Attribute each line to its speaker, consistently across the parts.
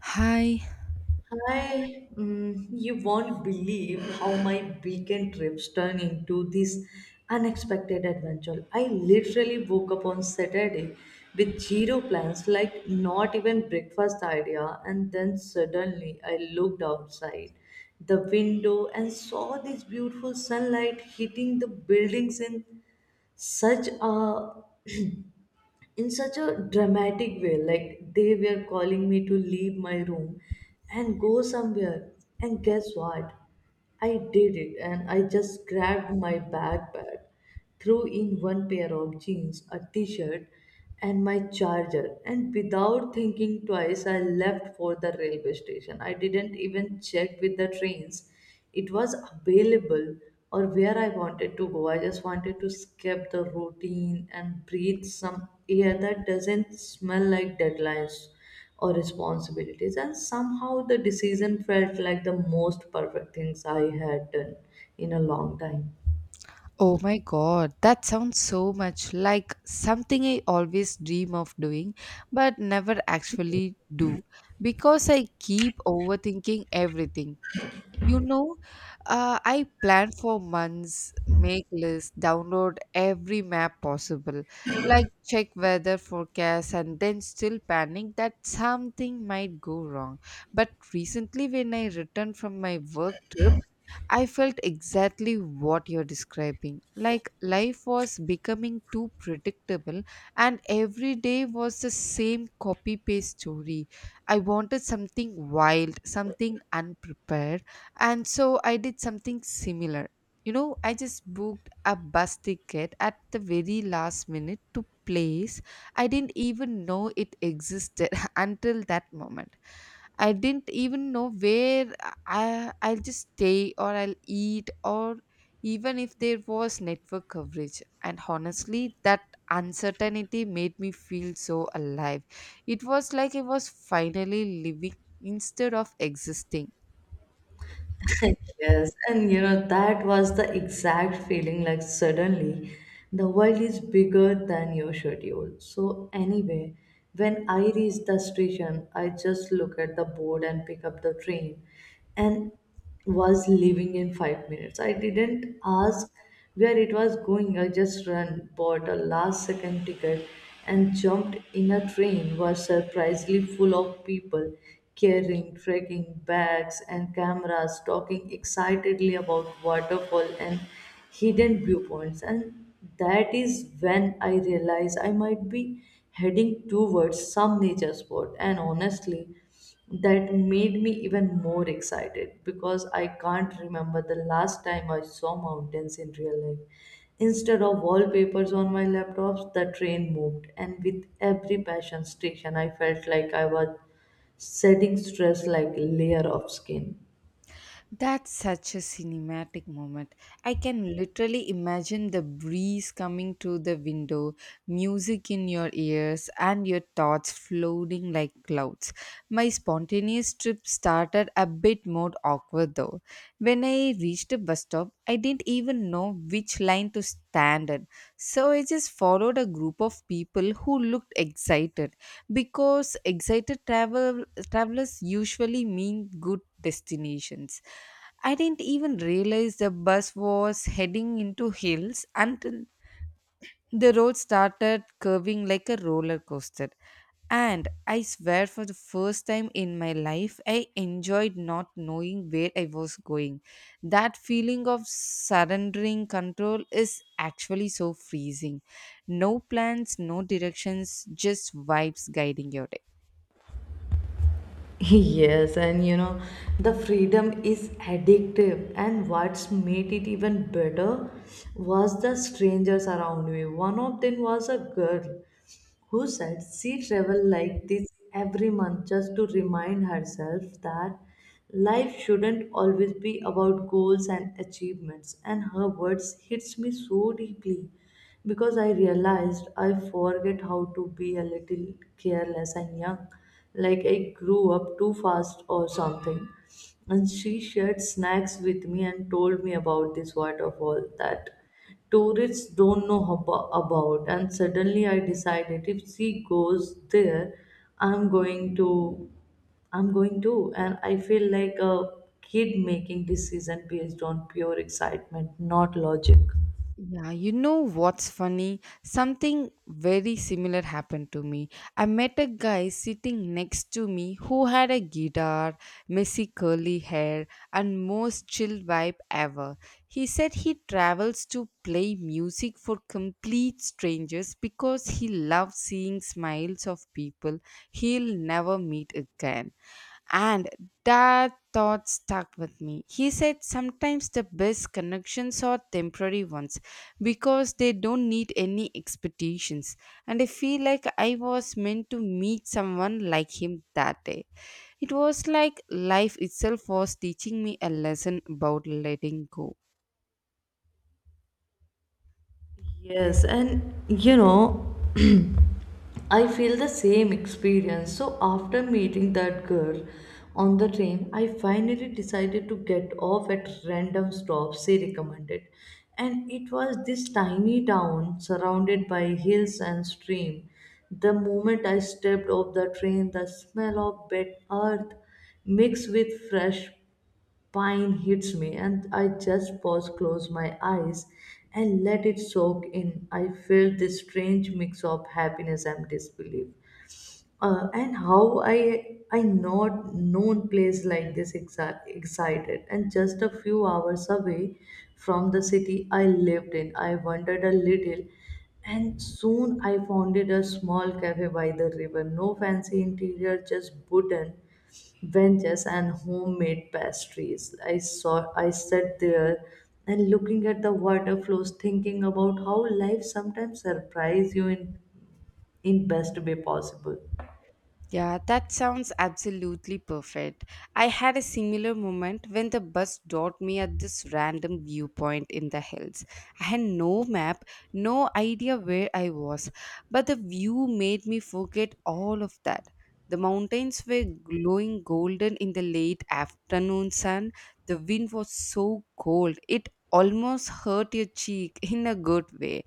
Speaker 1: Hi.
Speaker 2: You won't believe how my weekend trips turn into this unexpected adventure. I literally woke up on Saturday with zero plans, like not even breakfast idea, and then suddenly I looked outside the window and saw this beautiful sunlight hitting the buildings such a in such a dramatic way, like they were calling me to leave my room and go somewhere. And guess what, I did it. And I just grabbed my backpack, threw in one pair of jeans, a t-shirt, and my charger, and without thinking twice I left for the railway station. I didn't even check with the trains it was available or where I wanted to go. I just wanted to skip the routine and breathe some air that doesn't smell like deadlines or responsibilities. And somehow the decision felt like the most perfect things I had done in a long time.
Speaker 1: Oh my god, that sounds so much like something I always dream of doing but never actually do because I keep overthinking everything. You know, I plan for months, make lists, download every map possible, like check weather forecast, and then still panic that something might go wrong. But recently, when I returned from my work trip, I felt exactly what you're describing. Like life was becoming too predictable, and every day was the same copy paste story. I wanted something wild, something unprepared and so I did something similar. I just booked a bus ticket at the very last minute to place I didn't even know it existed until that moment. I didn't even know where I'll just stay or I'll eat or even if there was network coverage. And honestly, that uncertainty made me feel so alive. It was like I was finally living instead of existing.
Speaker 2: Yes, and you know, that was the exact feeling, like suddenly the world is bigger than your schedule. So, anyway, when I reached the station, I just look at the board and pick up the train and was leaving in 5 minutes. I didn't ask where it was going. I just ran, bought a last second ticket, and jumped in a train was surprisingly full of people carrying trekking bags and cameras, talking excitedly about waterfall and hidden viewpoints. And that is when I realized I might be heading towards some nature spot. And honestly, that made me even more excited because I can't remember the last time I saw mountains in real life. Instead of wallpapers on my laptops, the train moved, and with every passion station, I felt like I was shedding stress like layer of skin.
Speaker 1: That's such a cinematic moment. I can literally imagine the breeze coming through the window, music in your ears, and your thoughts floating like clouds. My spontaneous trip started a bit more awkward though. When I reached the bus stop, I didn't even know which line to stand in. So I just followed a group of people who looked excited because excited travelers usually mean good destinations. I didn't even realize the bus was heading into hills until the road started curving like a roller coaster. And I swear, for the first time in my life, I enjoyed not knowing where I was going. That feeling of surrendering control is actually so freezing. No plans, no directions, just vibes guiding your day.
Speaker 2: Yes, and you know, the freedom is addictive, and what's made it even better was the strangers around me. One of them was a girl who said she traveled like this every month just to remind herself that life shouldn't always be about goals and achievements. And her words hits me so deeply because I realized I forget how to be a little careless and young, like I grew up too fast or something. And she shared snacks with me and told me about this waterfall that tourists don't know about. And suddenly I decided, if she goes there, i'm going to i'm going to. And I feel like a kid making decision based on pure excitement, not logic.
Speaker 1: Yeah, you know what's funny? Something very similar happened to me. I met a guy sitting next to me who had a guitar, messy curly hair, and most chill vibe ever. He said he travels to play music for complete strangers because he loves seeing smiles of people he'll never meet again. And that thought stuck with me. He said sometimes the best connections are temporary ones because they don't need any expectations. And I feel like I was meant to meet someone like him that day. It was like life itself was teaching me a lesson about letting go.
Speaker 2: Yes, and you know, I feel the same experience. So after meeting that girl on the train, I finally decided to get off at random stops she recommended. And it was this tiny town surrounded by hills and stream. The moment I stepped off the train, the smell of wet earth mixed with fresh pine hits me, and I just pause, close my eyes, and let it soak in. I feel this strange mix of happiness and disbelief, and how I not known place like this excited and just a few hours away from the city I lived in. I wandered a little, and soon I founded a small cafe by the river. No fancy interior, just wooden benches and homemade pastries. I sat there and looking at the water flows, thinking about how life sometimes surprise you in best way possible.
Speaker 1: Yeah, that sounds absolutely perfect. I had a similar moment when the bus dropped me at this random viewpoint in the hills. I had no map, no idea where I was, but the view made me forget all of that. The mountains were glowing golden in the late afternoon sun. The wind was so cold, it almost hurt your cheek in a good way.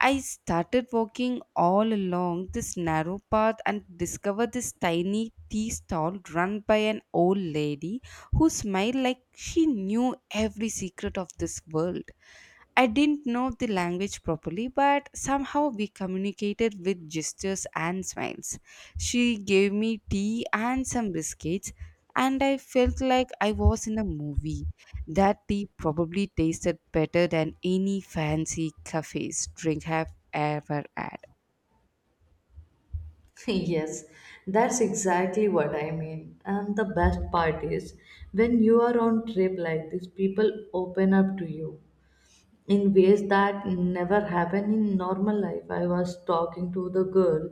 Speaker 1: I started walking all along this narrow path and discovered this tiny tea stall run by an old lady who smiled like she knew every secret of this world. I didn't know the language properly, but somehow we communicated with gestures and smiles. She gave me tea and some biscuits, and I felt like I was in a movie. That tea probably tasted better than any fancy cafe's drink I've ever had.
Speaker 2: Yes, that's exactly what I mean. And the best part is when you are on trip like this, people open up to you in ways that never happen in normal life. I was talking to the girl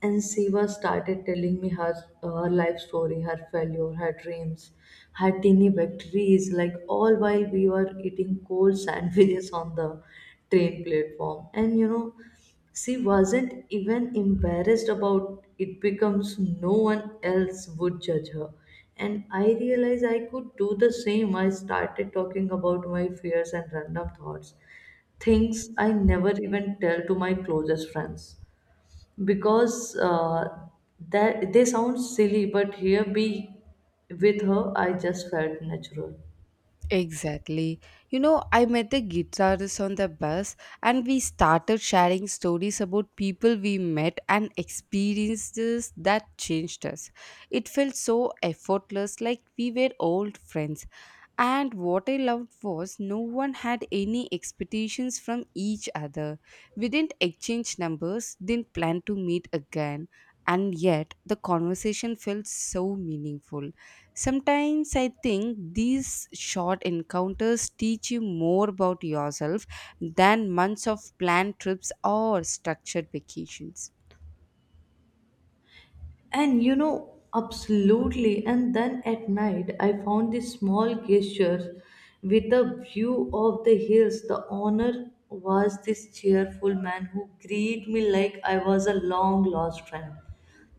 Speaker 2: and she was started telling me her life story, her failure, her dreams, her teeny victories, like all while we were eating cold sandwiches on the train platform. And you know, she wasn't even embarrassed about it becomes no one else would judge her. And I realized I could do the same. I started talking about my fears and random thoughts, things I never even tell to my closest friends because that they sound silly, but here be with her, I just felt natural.
Speaker 1: Exactly. You know, I met a guitarist on the bus and we started sharing stories about people we met and experiences that changed us. It felt so effortless, like we were old friends. And what I loved was no one had any expectations from each other. We didn't exchange numbers, didn't plan to meet again, and yet the conversation felt so meaningful. Sometimes I think these short encounters teach you more about yourself than months of planned trips or structured vacations.
Speaker 2: And you know, absolutely. And then at night, I found this small gesture with a view of the hills. The owner was this cheerful man who greeted me like I was a long lost friend,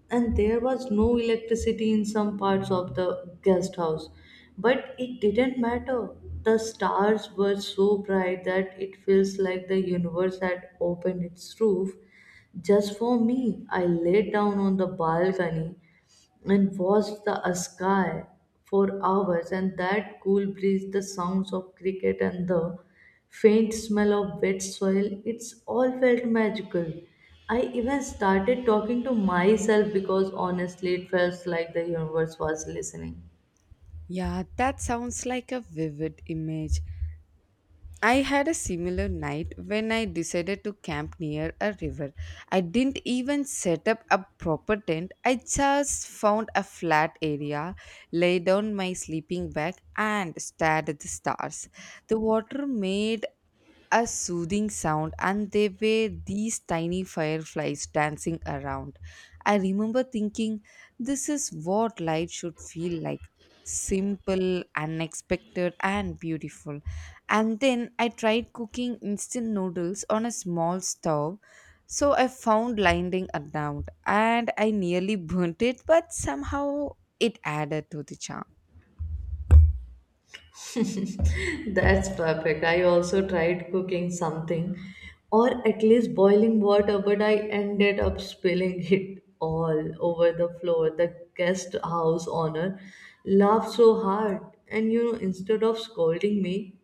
Speaker 2: and there was no electricity in some parts of the guest house. But it didn't matter. The stars were so bright that it feels like the universe had opened its roof just for me. I laid down on the balcony and watched the sky for hours, and that cool breeze, the sounds of cricket, and the faint smell of wet soil, it's all felt magical. I even started talking to myself because honestly it felt like the universe was listening.
Speaker 1: Yeah, that sounds like a vivid image. I had a similar night when I decided to camp near a river. I didn't even set up a proper tent. I just found a flat area, laid down my sleeping bag, and stared at the stars. The water made a soothing sound and there were these tiny fireflies dancing around. I remember thinking, this is what life should feel like simple, unexpected, and beautiful. And then I tried cooking instant noodles on a small stove. So I found lining around and I nearly burnt it, but somehow it added to the charm.
Speaker 2: That's perfect. I also tried cooking something, or at least boiling water, but I ended up spilling it all over the floor. The guest house owner laughed so hard, and you know, instead of scolding me,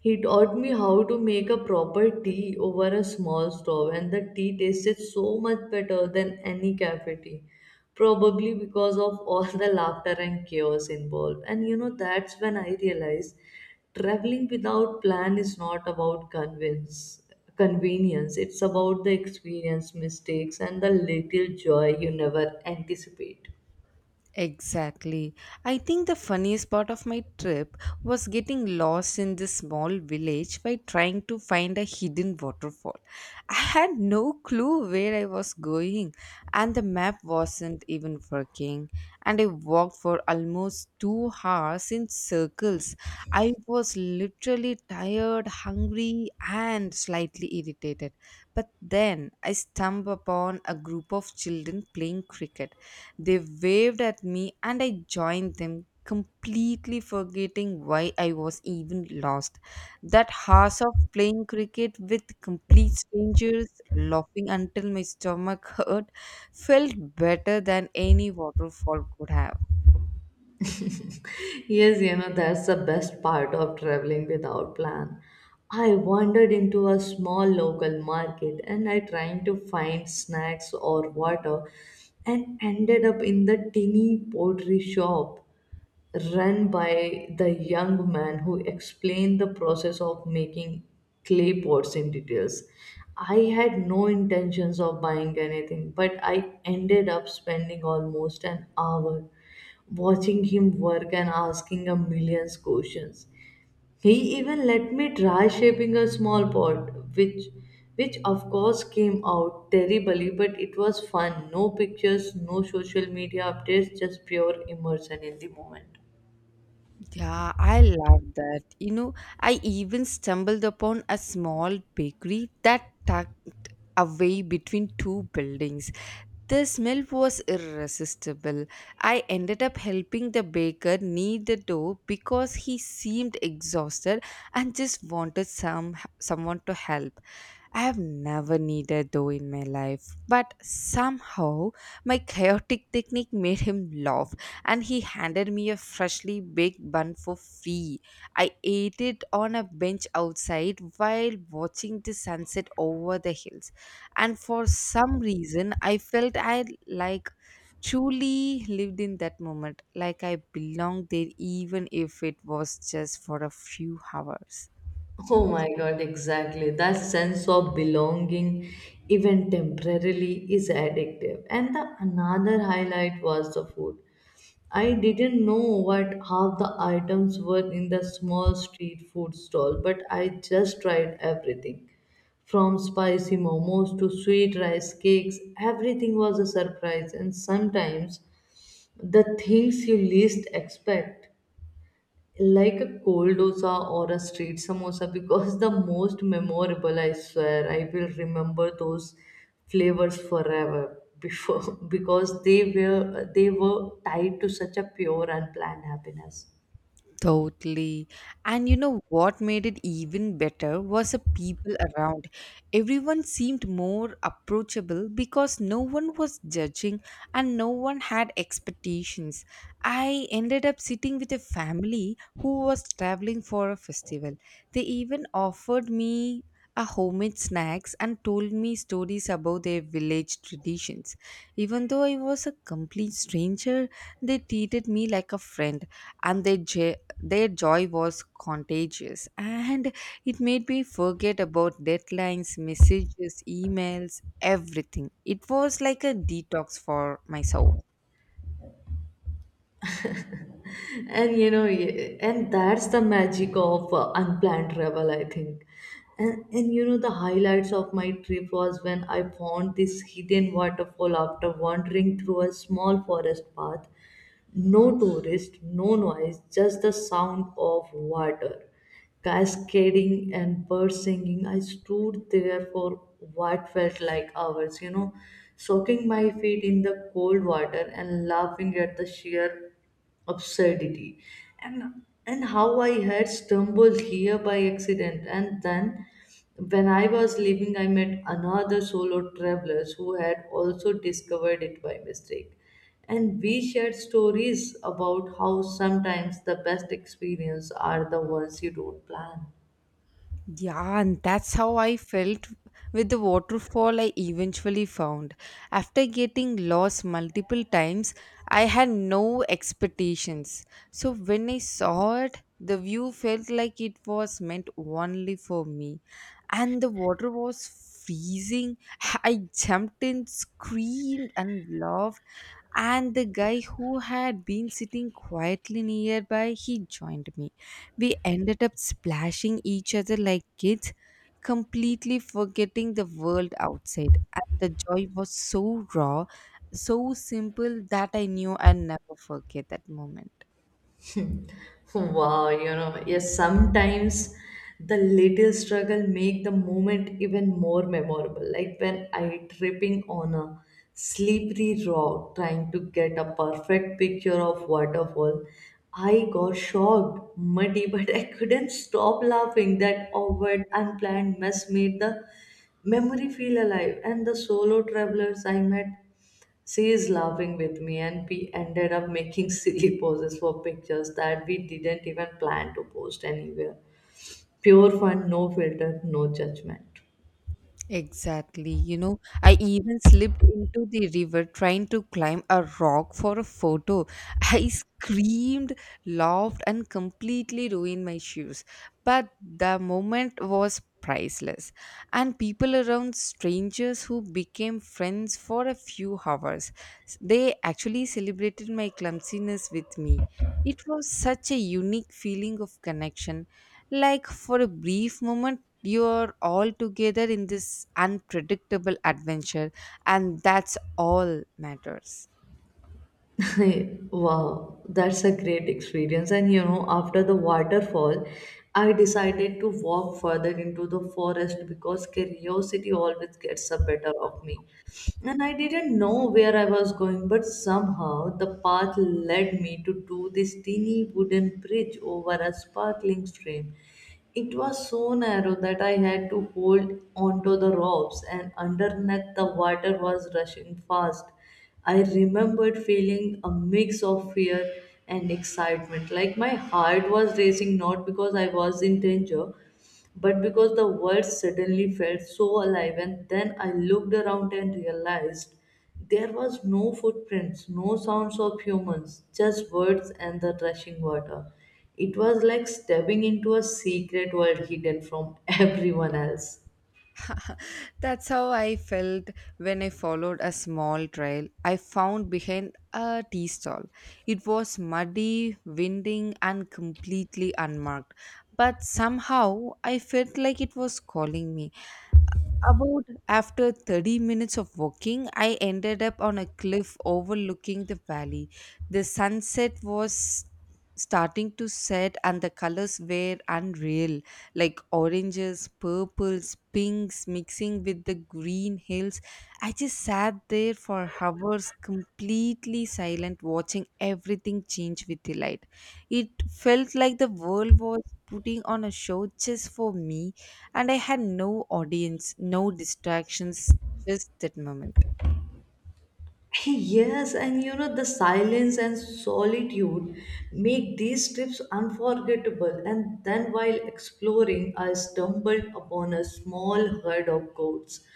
Speaker 2: he taught me how to make a proper tea over a small stove, and the tea tasted so much better than any cafe tea. Probably because of all the laughter and chaos involved. And you know, that's when I realized traveling without plan is not about convenience, it's about the experience, mistakes, and the little joy you never anticipate.
Speaker 1: Exactly. I think the funniest part of my trip was getting lost in this small village by trying to find a hidden waterfall. I had no clue where I was going, and the map wasn't even working. And I walked for almost 2 hours in circles. I was literally tired, hungry, and slightly irritated. But then I stumbled upon a group of children playing cricket, they waved at me and I joined them, completely forgetting why I was even lost. That hours of playing cricket with complete strangers, laughing until my stomach hurt, felt better than any waterfall could have.
Speaker 2: Yes, you know, that's the best part of traveling without plan. I wandered into a small local market and I tried to find snacks or water and ended up in the tiny pottery shop run by the young man who explained the process of making clay pots in details. I had no intentions of buying anything, but I ended up spending almost an hour watching him work and asking a million questions. He even let me try shaping a small pot, which of course came out terribly, but it was fun. No pictures, no social media updates, just pure immersion in the moment.
Speaker 1: Yeah, I love that. You know, I even stumbled upon a small bakery that tucked away between two buildings. The smell was irresistible. I ended up helping the baker knead the dough because he seemed exhausted and just wanted someone to help. I have never needed though in my life, but somehow my chaotic technique made him laugh and he handed me a freshly baked bun for free. I ate it on a bench outside while watching the sunset over the hills, and for some reason, I felt I like truly lived in that moment, like I belonged there, even if it was just for a few hours.
Speaker 2: Oh my God, exactly. That sense of belonging, even temporarily, is addictive. And the another highlight was the food. I didn't know what half the items were in the small street food stall, but I just tried everything. From spicy momos to sweet rice cakes, everything was a surprise, and sometimes the things you least expect, like a cold dosa or a street samosa because the most memorable. I swear I will remember those flavors forever before because they were tied to such a pure and planned happiness.
Speaker 1: Totally. And you know what made it even better was the people around. Everyone seemed more approachable because no one was judging and no one had expectations. I ended up sitting with a family who was traveling for a festival. They even offered me a homemade snacks and told me stories about their village traditions. Even though I was a complete stranger, they treated me like a friend and their joy was contagious and it made me forget about deadlines, messages, emails, everything. It was like a detox for my soul.
Speaker 2: And you know, and that's the magic of unplanned travel I think. And you know, the highlights of my trip was when I found this hidden waterfall after wandering through a small forest path. No tourist, no noise, just the sound of water cascading and birds singing. I stood there for what felt like hours, you know, soaking my feet in the cold water and laughing at the sheer absurdity and and how I had stumbled here by accident. And then when I was leaving, I met another solo travelers who had also discovered it by mistake, and we shared stories about how sometimes the best experience are the ones you don't plan.
Speaker 1: Yeah, and that's how I felt with the waterfall I eventually found. After getting lost multiple times, I had no expectations. So when I saw it, the view felt like it was meant only for me. And the water was freezing. I jumped in, screamed, and laughed. And the guy who had been sitting quietly nearby, he joined me, we ended up splashing each other like kids, completely forgetting the world outside. And the joy was so raw, so simple that I knew I'll never forget that moment.
Speaker 2: Wow, you know, yes, sometimes the little struggle make the moment even more memorable. Like when I tripping on a slippery rock trying to get a perfect picture of waterfall, I got shocked, muddy, but I couldn't stop laughing. That awkward, unplanned mess made the memory feel alive. And the solo travelers I met, she is laughing with me, and we ended up making silly poses for pictures that we didn't even plan to post anywhere. Pure fun, no filter, no judgment.
Speaker 1: Exactly. You know, I even slipped into the river trying to climb a rock for a photo. I screamed, laughed, and completely ruined my shoes. But the moment was priceless. And people around, strangers who became friends for a few hours, they actually celebrated my clumsiness with me. It was such a unique feeling of connection. Like for a brief moment, you are all together in this unpredictable adventure and that's all matters.
Speaker 2: Wow, that's a great experience. And you know, after the waterfall, I decided to walk further into the forest because curiosity always gets the better of me. And I didn't know where I was going, but somehow the path led me to do this teeny wooden bridge over a sparkling stream. It was so narrow that I had to hold onto the ropes, and underneath the water was rushing fast. I remembered feeling a mix of fear and excitement, like my heart was racing not because I was in danger, but because the world suddenly felt so alive. And then I looked around and realized there was no footprints, no sounds of humans, just words and the rushing water. It was like stepping into a secret world hidden from everyone else.
Speaker 1: That's how I felt when I followed a small trail I found behind a tea stall. It was muddy, winding and completely unmarked, but somehow I felt like it was calling me. About after 30 minutes of walking, I ended up on a cliff overlooking the valley. The sunset was starting to set, and the colors were unreal like oranges, purples, pinks mixing with the green hills. I just sat there for hours, completely silent, watching everything change with the light. It felt like the world was putting on a show just for me and I had no audience, no distractions, just that moment.
Speaker 2: Hey, yes, and you know, the silence and solitude make these trips unforgettable. And then, while exploring, I stumbled upon a small herd of goats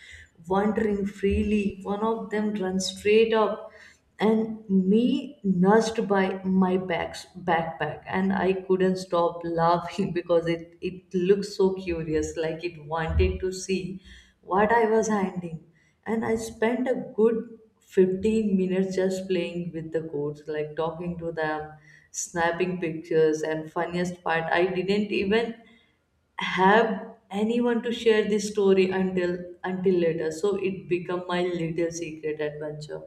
Speaker 2: wandering freely. One of them ran straight up, and me nursed by my back's backpack, and I couldn't stop laughing because it looked so curious, like it wanted to see what I was handling. And I spent a good 15 minutes just playing with the goats, like talking to them, snapping pictures. And funniest part, I didn't even have anyone to share this story until later, so it became my little secret adventure.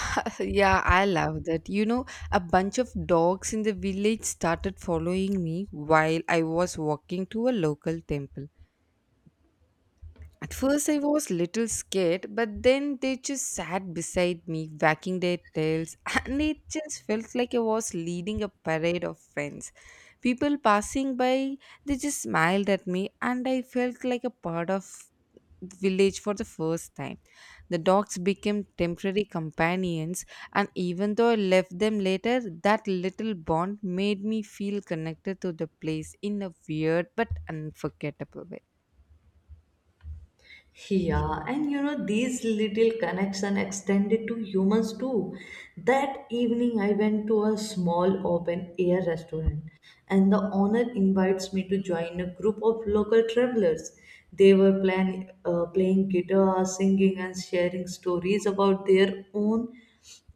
Speaker 1: Yeah, I love that. You know, a bunch of dogs in the village started following me while I was walking to a local temple. At first, I was little scared, but then they just sat beside me, wagging their tails, and it just felt like I was leading a parade of friends. People passing by, they just smiled at me, and I felt like a part of village for the first time. The dogs became temporary companions, and even though I left them later, that little bond made me feel connected to the place in a weird but unforgettable way.
Speaker 2: Yeah, and these little connection extended to humans too. That evening, I went to a small open air restaurant and the owner invites me to join a group of local travelers. They were playing guitar, singing, and sharing stories about their own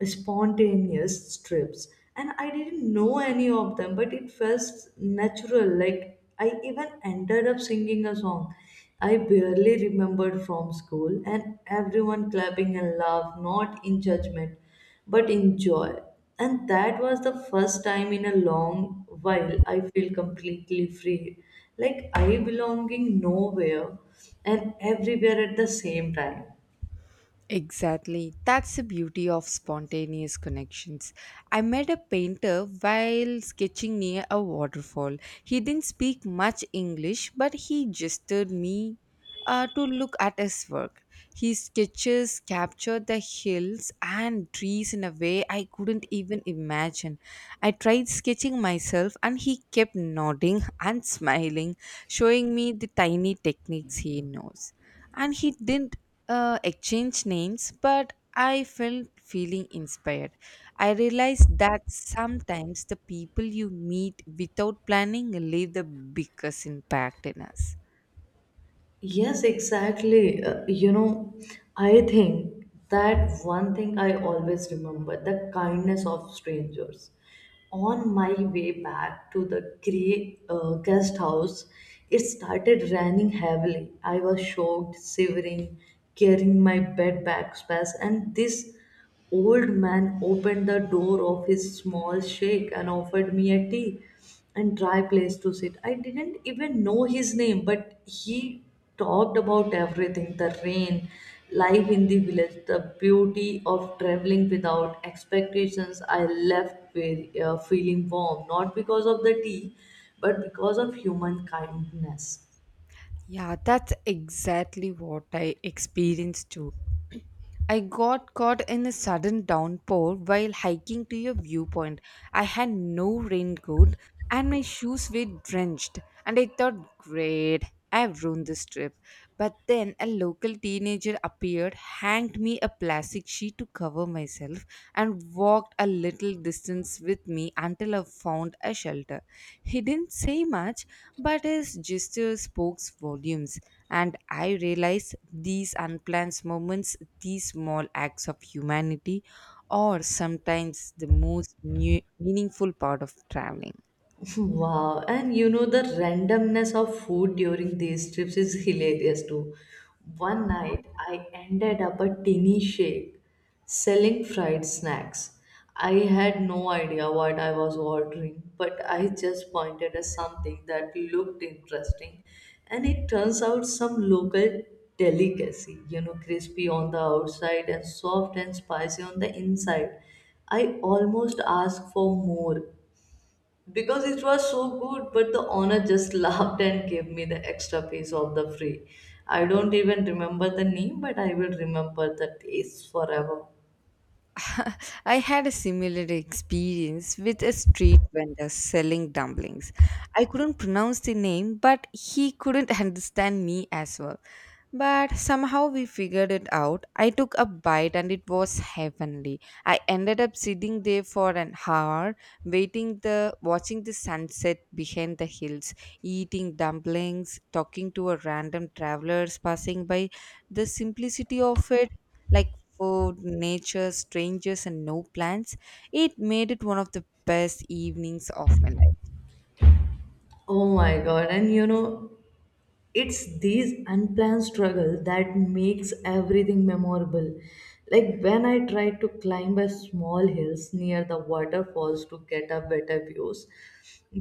Speaker 2: spontaneous trips. And I didn't know any of them, but it felt natural. Like, I even ended up singing a song I barely remembered from school, and everyone clapping and laugh, not in judgment but enjoy. And that was the first time in a long while I feel completely free. Like I belonging nowhere and everywhere at the same time.
Speaker 1: Exactly. That's the beauty of spontaneous connections. I met a painter while sketching near a waterfall. He didn't speak much English, but he gestured me to look at his work. His sketches captured the hills and trees in a way I couldn't even imagine. I tried sketching myself, and he kept nodding and smiling, showing me the tiny techniques he knows and he didn't exchange names, but I felt feeling inspired. I realized that sometimes the people you meet without planning leave the biggest impact in us.
Speaker 2: Yes, exactly. I think that one thing I always remember the kindness of strangers. On my way back to the guest house, it started raining heavily. I was shocked, shivering, carrying my bed backpack, and this old man opened the door of his small shack and offered me a tea and dry place to sit. I didn't even know his name, but he talked about everything, the rain, life in the village, the beauty of traveling without expectations. I left with, feeling warm, not because of the tea, but because of human kindness.
Speaker 1: Yeah, that's exactly what I experienced too. I got caught in a sudden downpour while hiking to a viewpoint. I had no raincoat and my shoes were drenched, and I thought, great, I've ruined this trip. But then a local teenager appeared, hanged me a plastic sheet to cover myself, and walked a little distance with me until I found a shelter. He didn't say much, but his gesture spoke volumes, and I realized these unplanned moments, these small acts of humanity, are sometimes the most new, meaningful part of traveling.
Speaker 2: Wow, and the randomness of food during these trips is hilarious too. One night I ended up at Tiny Shake selling fried snacks. I had no idea what I was ordering, but I just pointed at something that looked interesting, and it turns out some local delicacy, crispy on the outside and soft and spicy on the inside. I almost asked for more because it was so good, but the owner just laughed and gave me the extra piece of the free. I don't even remember the name, but I will remember the taste forever.
Speaker 1: I had a similar experience with a street vendor selling dumplings. I couldn't pronounce the name, but he couldn't understand me as well. But somehow we figured it out. I took a bite and it was heavenly. I ended up sitting there for an hour, waiting the watching the sunset behind the hills, eating dumplings, talking to a random travelers passing by. The simplicity of it like food, nature, strangers, and no plans. It made it one of the best evenings of my life.
Speaker 2: Oh my god, and it's these unplanned struggles that makes everything memorable. Like when I tried to climb a small hills near the waterfalls to get a better views,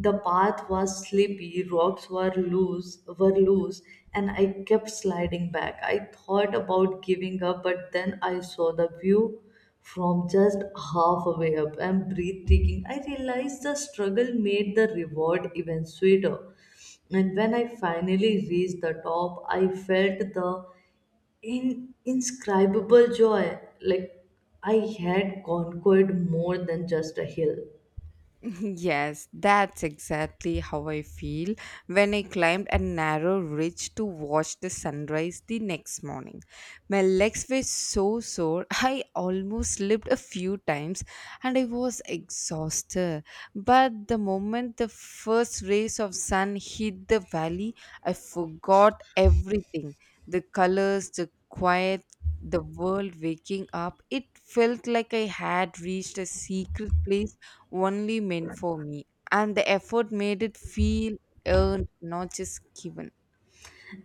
Speaker 2: the path was slippery, rocks were loose, and I kept sliding back. I thought about giving up, but then I saw the view from just halfway up and breathtaking. I realized the struggle made the reward even sweeter. And when I finally reached the top, I felt the inscribable joy, like I had conquered more than just a hill.
Speaker 1: Yes, that's exactly how I feel when I climbed a narrow ridge to watch the sunrise the next morning. My legs were so sore, I almost slipped a few times and I was exhausted. But the moment the first rays of sun hit the valley, I forgot everything the colors, the quiet, the world waking up. It felt like I had reached a secret place only meant for me. And the effort made it feel earned, not just given.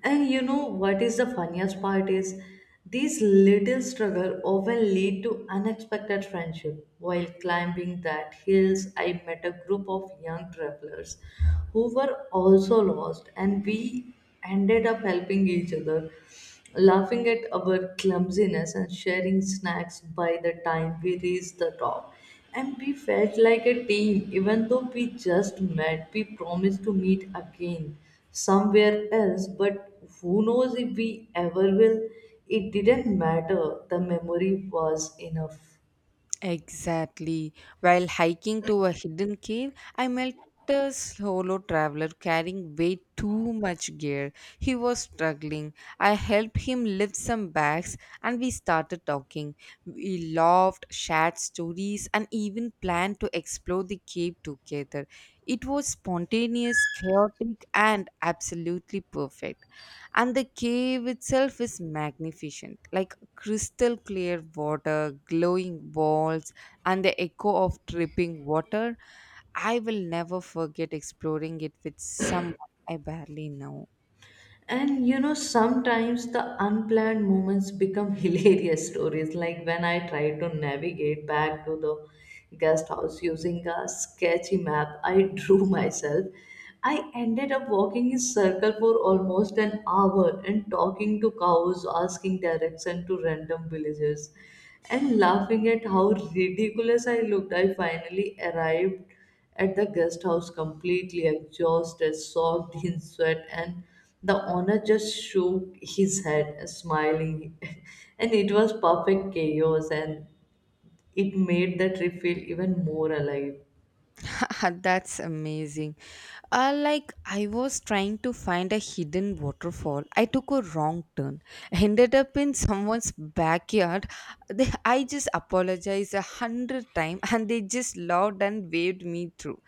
Speaker 2: And you know what is the funniest part is these little struggle often lead to unexpected friendship. While climbing that hills, I met a group of young travelers who were also lost, and we ended up helping each other, laughing at our clumsiness and sharing snacks. By the time we reached the top, and we felt like a team. Even though we just met, we promised to meet again somewhere else, but who knows if we ever will. It didn't matter, the memory was enough.
Speaker 1: Exactly. While hiking to a hidden cave, I met a solo traveler carrying way too much gear. He was struggling. I helped him lift some bags and we started talking. We laughed, shared stories, and even planned to explore the cave together. It was spontaneous, chaotic, and absolutely perfect. And the cave itself is magnificent. Like crystal clear water, glowing walls, and the echo of dripping water. I will never forget exploring it with someone I barely know.
Speaker 2: And sometimes the unplanned moments become hilarious stories. Like when I tried to navigate back to the guest house using a sketchy map I drew myself, I ended up walking in circle for almost an hour and talking to cows, asking direction to random villagers, and laughing at how ridiculous I looked. I finally arrived at the guest house completely exhausted, soaked in sweat, and the owner just shook his head, smiling. And it was perfect chaos, and it made the trip feel even more alive.
Speaker 1: That's amazing. Like, I was trying to find a hidden waterfall. I took a wrong turn, ended up in someone's backyard. They, I just apologized 100 times and they just laughed and waved me through.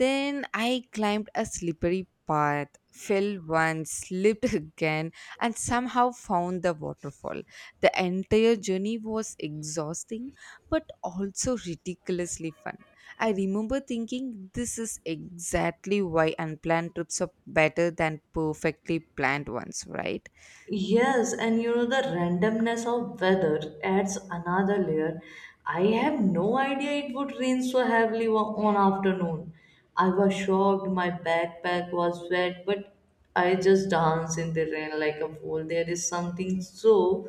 Speaker 1: Then I climbed a slippery path, fell once, slipped again, and somehow found the waterfall. The entire journey was exhausting but also ridiculously fun. I remember thinking this is exactly why unplanned trips are better than perfectly planned ones, right?
Speaker 2: Yes, and the randomness of weather adds another layer. I have no idea it would rain so heavily one afternoon. I was shocked, my backpack was wet, but I just danced in the rain like a fool. There is something so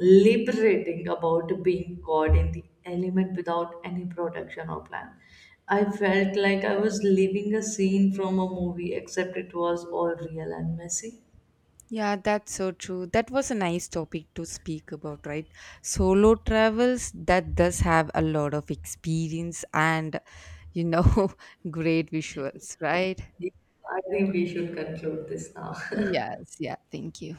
Speaker 2: liberating about being caught in the element without any protection or plan. I felt like I was living a scene from a movie, except it was all real and messy.
Speaker 1: Yeah, that's so true. That was a nice topic to speak about, right? Solo travels that does have a lot of experience and you know great visuals, right?
Speaker 2: I think we should conclude this now.
Speaker 1: Yes, yeah, thank you.